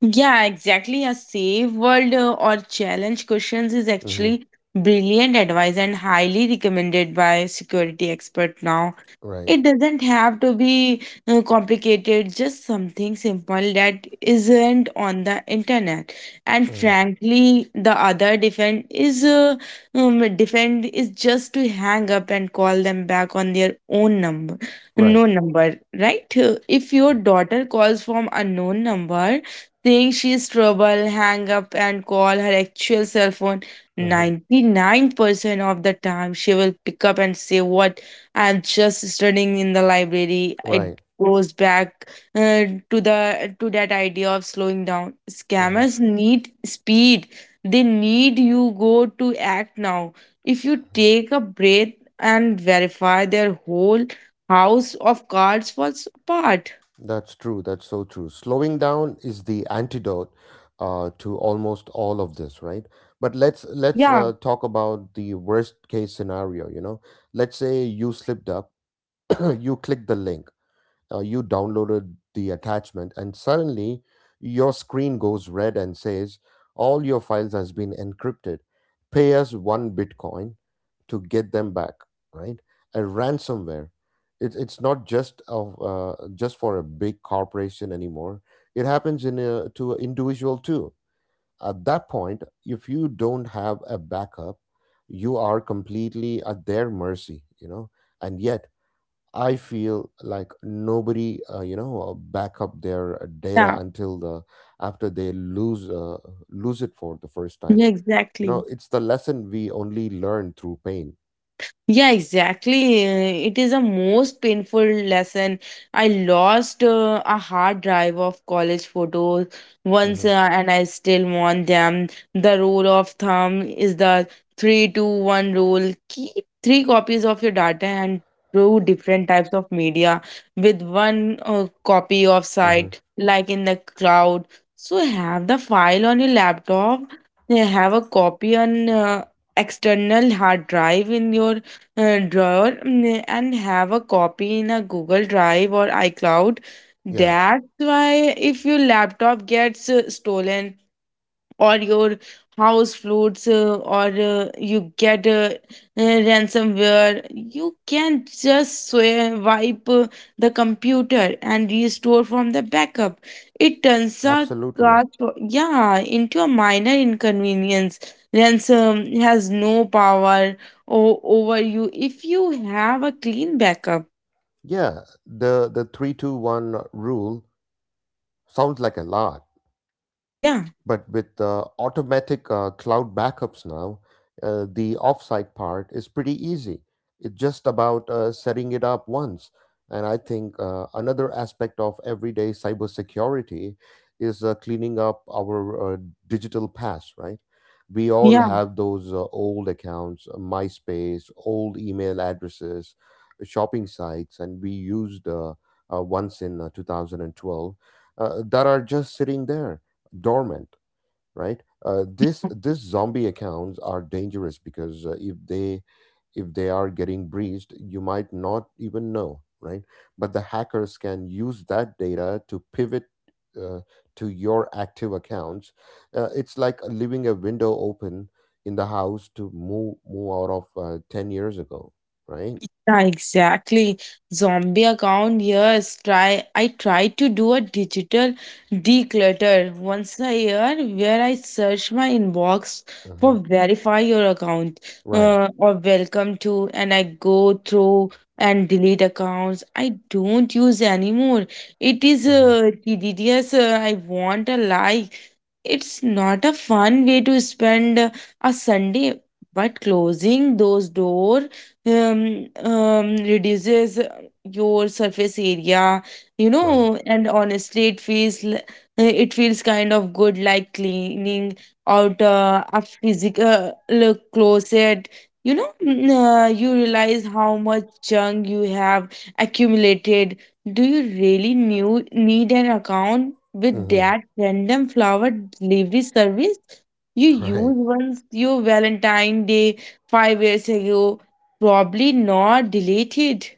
Yeah, exactly. A safe world uh, or challenge questions is
Hmm.
actually brilliant advice, and highly recommended by security expert now.
Right.
It doesn't have to be uh, complicated, just something simple that isn't on the internet. And
uh,
frankly, the other defend is uh, um, defend is just to hang up and call them back on their own number,
right.
no number, right? Uh, If your daughter calls from unknown number, saying she's trouble, hang up and call her actual cell phone.
uh
ninety-nine percent of the time she will pick up and say what, and just studying in the library. It
right.
goes back uh, to the to that idea of slowing down.
uh
Scammers need speed. They need you go to act now. If you take a breath and verify, their whole house of cards falls apart.
that's true, that's so true. Slowing down is the antidote uh, to almost all of this, right? But let's let's
Yeah.
uh, talk about the worst case scenario, you know. Let's say you slipped up. You click the link, uh, you downloaded the attachment, and suddenly your screen goes red and says all your files has been encrypted, pay us one bitcoin to get them back, right? A ransomware. It, it's not just of uh, just for a big corporation anymore, it happens in a, to an individual too. At that point, if you don't have a backup, you are completely at their mercy, you know. And yet I feel like nobody, uh, you know, uh, back up their uh, data
Yeah,
until the after they lose uh, lose it for the first time.
yeah,
You know,
exactly.
it's the lesson we only learn through pain.
Yeah, exactly. Uh, It is a most painful lesson. I lost uh, a hard drive of college photos once,
Hmm.
uh, and I still want them. The rule of thumb is the three two one rule. Keep three copies of your data and two different types of media, with one uh, copy of
Hmm.
site, like in the cloud. So have the file on your laptop, then have a copy on uh, external hard drive in your uh, drawer, mm, and have a copy in a Google Drive or iCloud.
Yeah,
That's why if your laptop gets uh, stolen, or your house floats uh, or uh, you get uh, uh, ransomware, you can just swi- wipe uh, the computer and restore from the backup. It turns a
absolutely.
cost, yeah, into a minor inconvenience. Ransom has no power o- over you if you have a clean backup.
Yeah, the the three two one rule sounds like a lot,
Yeah,
but with uh, automatic uh, cloud backups now, uh, the offsite part is pretty easy. It's just about uh, setting it up once. And I think uh, another aspect of everyday cybersecurity is uh, cleaning up our uh, digital past, right? We all
yeah.
have those uh, old accounts, uh, MySpace, old email addresses, shopping sites, and we used uh, uh, once in uh, twenty twelve uh, that are just sitting there dormant, right? Uh, this this zombie accounts are dangerous because uh, if they if they are getting breached, you might not even know, right? But the hackers can use that data to pivot uh, to your active accounts. Uh, it's like leaving a window open in the house to move move out of uh, ten years ago, right?
Yeah, exactly. Zombie account, yes. Try I try to do a digital declutter once a year, where I search my inbox
Uh-huh.
for "verify your account"
Right.
uh, or "welcome to," and I go through and delete accounts I don't use anymore. It is
Uh-huh.
uh, tedious. Uh, I want a life. It's not a fun way to spend uh, a Sunday, but closing those doors um, um, reduces uh, your surface area, you
Right.
know, and honestly, it feels l- it feels kind of good, like cleaning out uh, a physical uh, closet. You know, mm, uh, you realize how much junk you have accumulated. Do you really knew, need an account with
Mm-hmm.
that random flower delivery service you
Right.
used once your Valentine Day five years ago? Probably not. Deleted.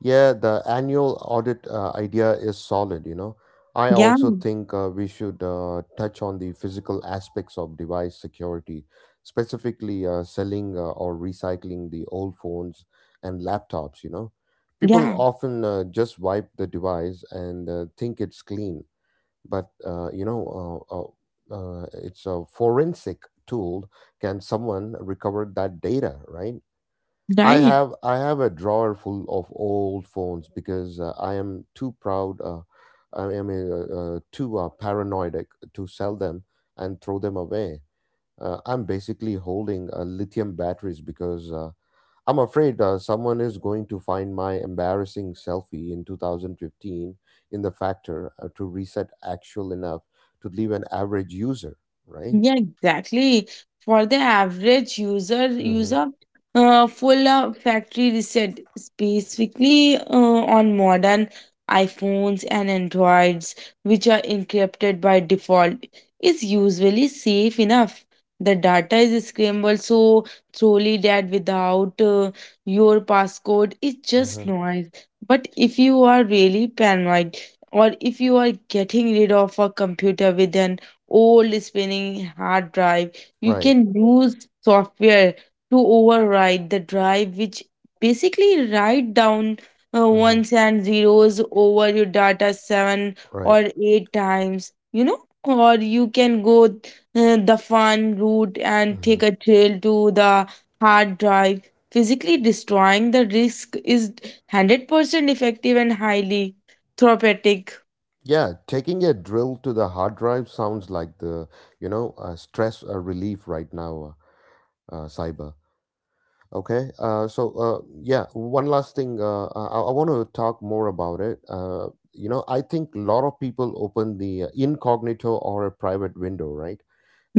Yeah, the annual audit uh, idea is solid, you know. I
Yeah,
also think uh, we should uh, touch on the physical aspects of device security, specifically uh, selling uh, or recycling the old phones and laptops, you know. People
yeah,
often uh, just wipe the device and uh, think it's clean, but uh, you know, uh, uh, uh, it's a forensic tool. Can someone recover that data, right? I
right.
have I have a drawer full of old phones because uh, I am too proud. Uh, I am uh, uh, too uh, paranoid uh, to sell them and throw them away. Uh, I'm basically holding uh, lithium batteries because uh, I'm afraid uh, someone is going to find my embarrassing selfie in two thousand fifteen in the factor uh, to reset actual enough to leave an average user. Right.
Yeah, exactly. For the average user, use
Mm-hmm.
of uh, full uh, factory reset, specifically uh, on modern iPhones and Androids, which are encrypted by default, is usually safe enough. The data is scrambled so thoroughly that without uh, your passcode, it's just
Uh-huh.
noise. But if you are really paranoid, or if you are getting rid of a computer with an old spinning hard drive, you
Right.
can use software to override the drive, which basically write down uh,
Uh huh.
ones and zeros over your data seven
Right.
or eight times, you know. Or you can go uh, the fun route and
Mm-hmm.
take a trail to the hard drive. Physically destroying the disk is one hundred percent effective and highly therapeutic.
Yeah, taking a drill to the hard drive sounds like the, you know, uh, stress uh, relief right now, uh, uh, cyber. Okay, uh, so uh, yeah, one last thing. Uh, I, I want to talk more about it. Uh, you know, I think a lot of people open the uh, incognito or a private window, right?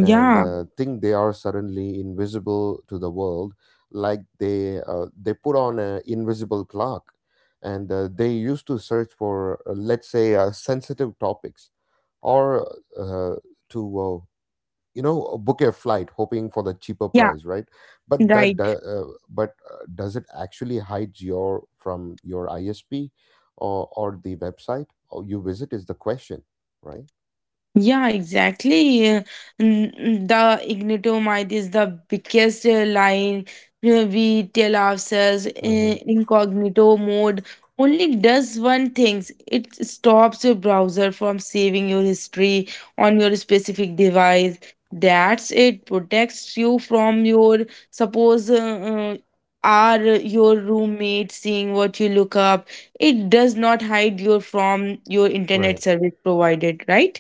And uh, think they are suddenly invisible to the world, like they uh, they put on an invisible clock, and uh, they used to search for, uh, let's say, uh, sensitive topics or uh, to uh, you know, book a flight hoping for the cheaper
yeah,
price, right? But that
right.
do- uh, but uh, does it actually hide your from your ISP, or or the website or you visit is the question, right?
Yeah, exactly. Uh, n- n- The ignitomide is the biggest uh, line uh, we tell ourselves.
Mm-hmm.
In incognito mode, only does one thing: it stops your browser from saving your history on your specific device. That's it. Protects you from your, suppose, Uh, uh, are your roommate seeing what you look up? It does not hide you from your internet
Right.
service provided, right?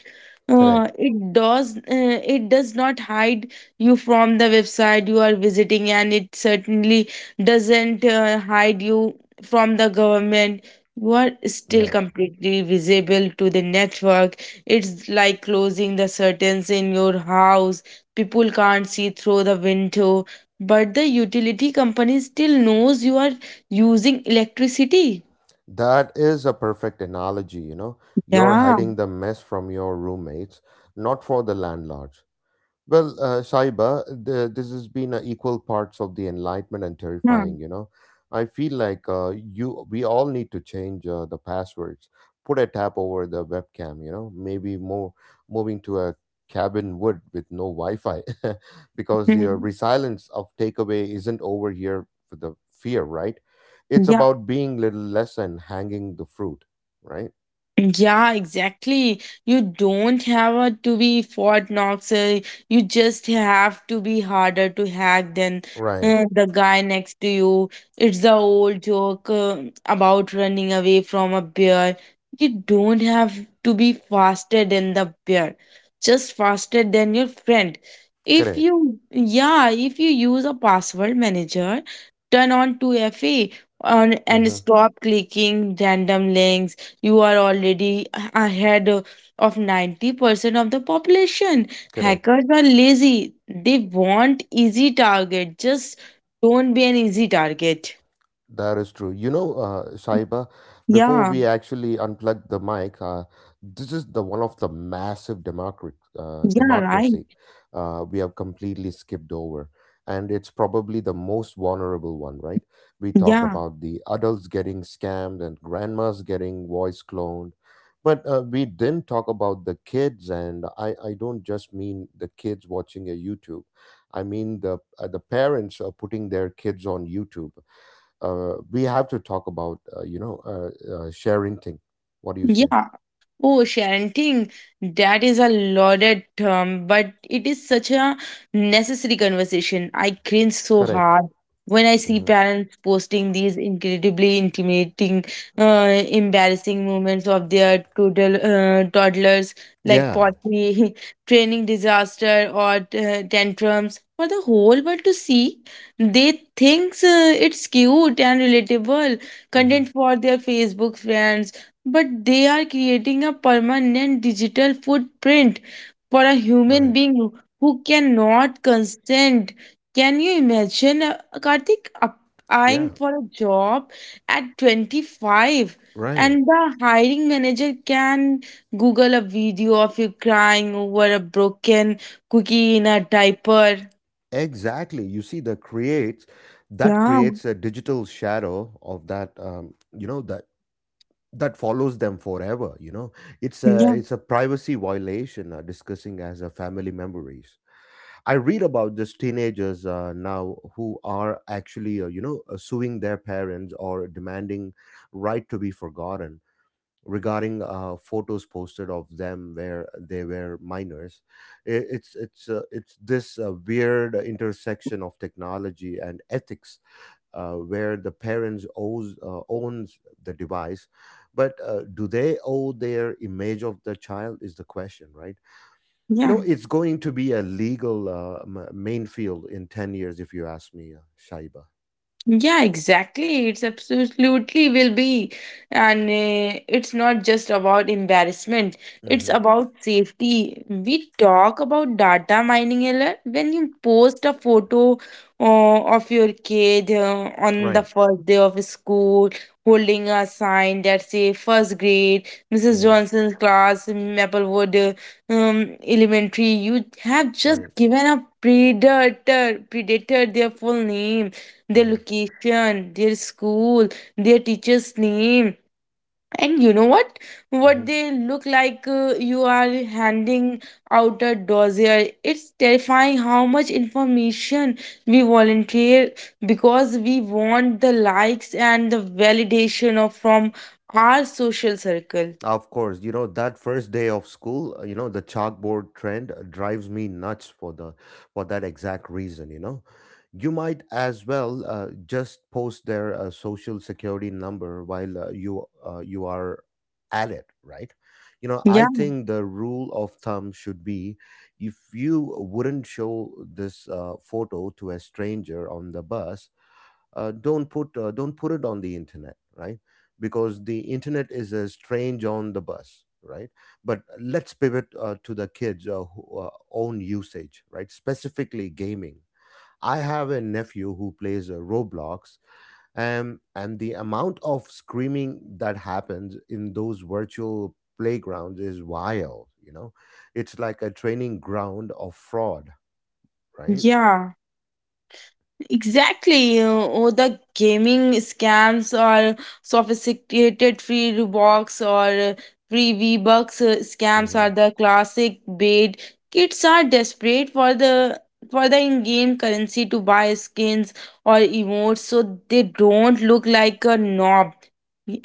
Uh,
Correct.
it does uh, it does not hide you from the website you are visiting, and it certainly doesn't uh, hide you from the government. You are still
Yeah.
completely visible to the network. It's like closing the curtains in your house. People can't see through the window, but the utility company still knows you are using electricity.
That is a perfect analogy, you know. You're
Yeah.
hiding the mess from your roommates, not for the landlord. Well, uh, Saiba, the, this has been uh, equal parts of the enlightenment and
Huh.
terrifying. You know, I feel like uh, you, we all need to change uh, the passwords. Put a tab over the webcam. You know, maybe more moving to a cabin wood with no Wi-Fi, because the uh, resilience of takeaway isn't over here for the fear, right? It's
Yeah.
about being little less and hanging the fruit, right?
Yeah, exactly. You don't have a- to be Fort Knox. uh, You just have to be harder to hack than
Right.
uh, the guy next to you. It's the old joke uh, about running away from a bear. You don't have to be faster than the bear, just faster than your friend. If
Correct.
you, yeah, if you use a password manager, turn on two F A on, and
Mm-hmm.
stop clicking random links, you are already a- ahead uh, of ninety percent of the population.
Correct.
Hackers are lazy. They want easy target. Just don't be an easy target.
That is true. You know, uh, Shaiba, before
Yeah,
we actually unplug the mic, uh, this is the one of the massive democratic uh,
yeah, right.
democracy uh, we have completely skipped over, and it's probably the most vulnerable one, right? We talked
Yeah,
about the adults getting scammed and grandmas getting voice cloned, but uh, we didn't talk about the kids, and I I don't just mean the kids watching a YouTube, I mean the uh, the parents are putting their kids on YouTube. Uh, we have to talk about, uh, you know uh, uh, sharing thing, what do you say?
yeah. Oh, chanting, that is a loaded term, but it is such a necessary conversation. I cringe so
Correct.
hard when I see
Hmm.
parents posting these incredibly intimidating, uh, embarrassing moments of their toddl- uh, toddlers, like
Yeah.
potty training disaster or uh, tantrums, for the whole world to see. They think uh, it's cute and relatable content
Hmm.
for their Facebook friends, but they are creating a permanent digital footprint for a human
Right.
being who who cannot consent. Can you imagine, uh, Karthik,
Yeah.
applying for a job at twenty-five,
Right.
and the hiring manager can Google a video of you crying over a broken cookie in a diaper?
Exactly, you see the creates, that
Yeah,
creates a digital shadow of that, um, you know that that follows them forever, you know. it's a
yeah,
it's a privacy violation uh, discussing as a family memories. I read about these teenagers uh, now who are actually, uh, you know, uh, suing their parents or demanding right to be forgotten regarding uh, photos posted of them where they were minors. I- It's it's uh, it's this uh, weird intersection of technology and ethics, uh, where the parents owes uh, owns the device, but uh, do they owe their image of the child is the question, right? You
yeah.
know, it's going to be a legal uh, m- main field in ten years, if you ask me, uh, Shaiba.
Yeah, exactly. It's absolutely will be. And uh, it's not just about embarrassment, it's
Hmm.
about safety. We talk about data mining a lot. When you post a photo uh, of your kid uh, on the
Right.
first day of school holding a sign that say first grade, Missus
Hmm.
Johnson's class, Maplewood uh, um, Elementary. You have just
Right.
given a predator, predator their full name, their
Hmm.
location, their school, their teacher's name. And you know what?
Hmm.
What they look like. Uh, you are handing out a dossier. It's terrifying how much information we volunteer because we want the likes and the validation of from our social circle.
Of course, you know, that first day of school, uh, you know, the chalkboard trend uh, drives me nuts for the for that exact reason. You know, you might as well uh, just post their uh, social security number while uh, you uh, you are at it, right? You know, I
Yeah,
think the rule of thumb should be, if you wouldn't show this uh, photo to a stranger on the bus, uh, don't put uh, don't put it on the internet, right? Because the internet is a strange on the bus, right? But let's pivot uh, to the kids uh, who, uh, own usage, right? Specifically gaming. I have a nephew who plays uh, Roblox, and and the amount of screaming that happens in those virtual playgrounds is wild, you know. It's like a training ground of fraud, right?
yeah. Exactly. Uh, Oh, the gaming scams or sophisticated free rewards or uh, free V-Bucks uh, scams
Mm-hmm.
are the classic bait. Kids are desperate for the for the in-game currency to buy skins or emotes so they don't look like a knob,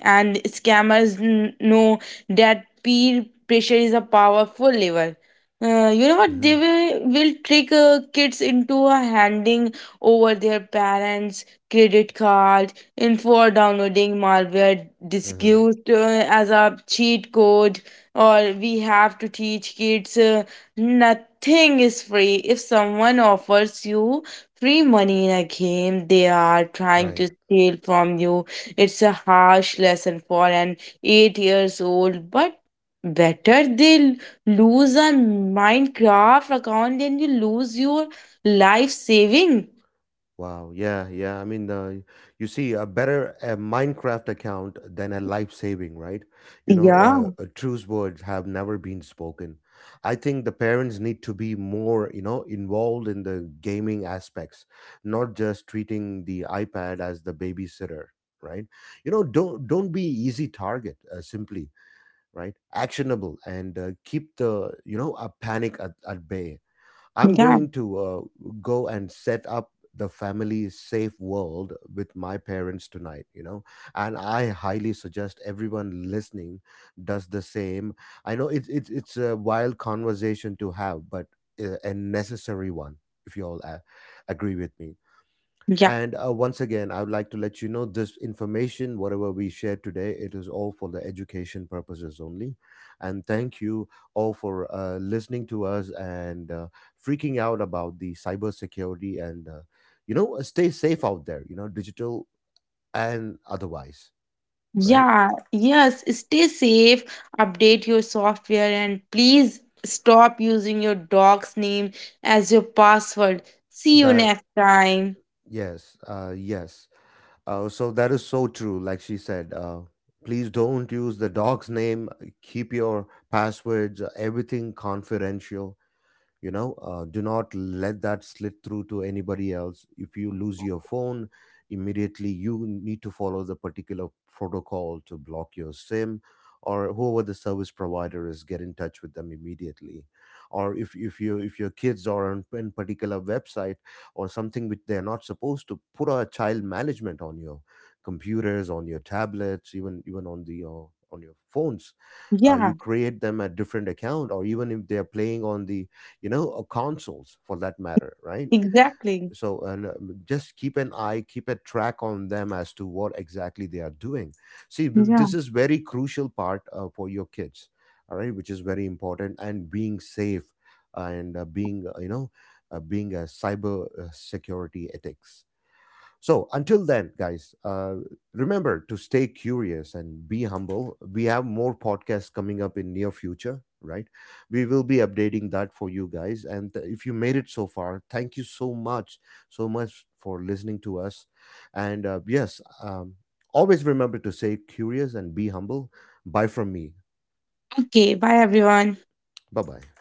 and scammers n- know that peer pressure is a powerful lever. Uh, you know what?
Mm-hmm.
They will, will trick uh, kids into uh, handing over their parents' credit card info, or downloading malware
Mm-hmm.
disguised uh, as a cheat code. Or we have to teach kids uh, nothing is free. If someone offers you free money in a game, they are trying
Right.
to steal from you. It's a harsh lesson for an eight years old, but better they l- lose a Minecraft account than you lose your life saving.
Wow, yeah, yeah. I mean, uh, you see, a better uh Minecraft account than a life saving, right? You know,
Yeah,
uh, uh, truce words have never been spoken. I think the parents need to be more, you know, involved in the gaming aspects, not just treating the iPad as the babysitter, right? You know, don't don't be easy target, uh, simply, right? Actionable and uh, keep the, you know, a panic at, at bay. I'm
yeah,
going to uh, go and set up the family safe world with my parents tonight, you know, and I highly suggest everyone listening does the same. I know it's it's it's a wild conversation to have, but uh, a necessary one, if you all uh, agree with me.
yeah.
And uh, Once again, I would like to let you know this information, whatever we shared today, it is all for the education purposes only. And thank you all for uh, listening to us, and uh, freaking out about the cybersecurity, and, uh, you know, stay safe out there, you know, digital and otherwise, right?
Yeah, yes, stay safe, update your software, and please stop using your dog's name as your password. See you
That,
next time.
yes, uh, yes. Uh, so that is so true. Like she said, uh, please don't use the dog's name, keep your passwords, everything confidential, you know. Uh, do not let that slip through to anybody else. If you lose your phone, immediately you need to follow the particular protocol to block your SIM, or whoever the service provider is, get in touch with them immediately. Or if, if you if your kids are on in particular website or something which they're not supposed to, put a child management on your computers, on your tablets, even even on the uh, on your phones. Uh, you
Yeah,
create them a different account, or even if they're playing on the, you know, or consoles for that matter, right?
exactly.
So and uh, just keep an eye, keep a track on them as to what exactly they are doing. See w-
Yeah.
this is very crucial part uh, for your kids, all right, which is very important. And being safe and uh, being, uh, you know, uh, being a cyber uh, security ethics. So until then, guys, uh, remember to stay curious and be humble. We have more podcasts coming up in near future, right? We will be updating that for you guys. And if you made it so far, thank you so much, so much for listening to us. And uh, yes, um, always remember to stay curious and be humble. Bye from me.
Okay, bye everyone.
Bye bye.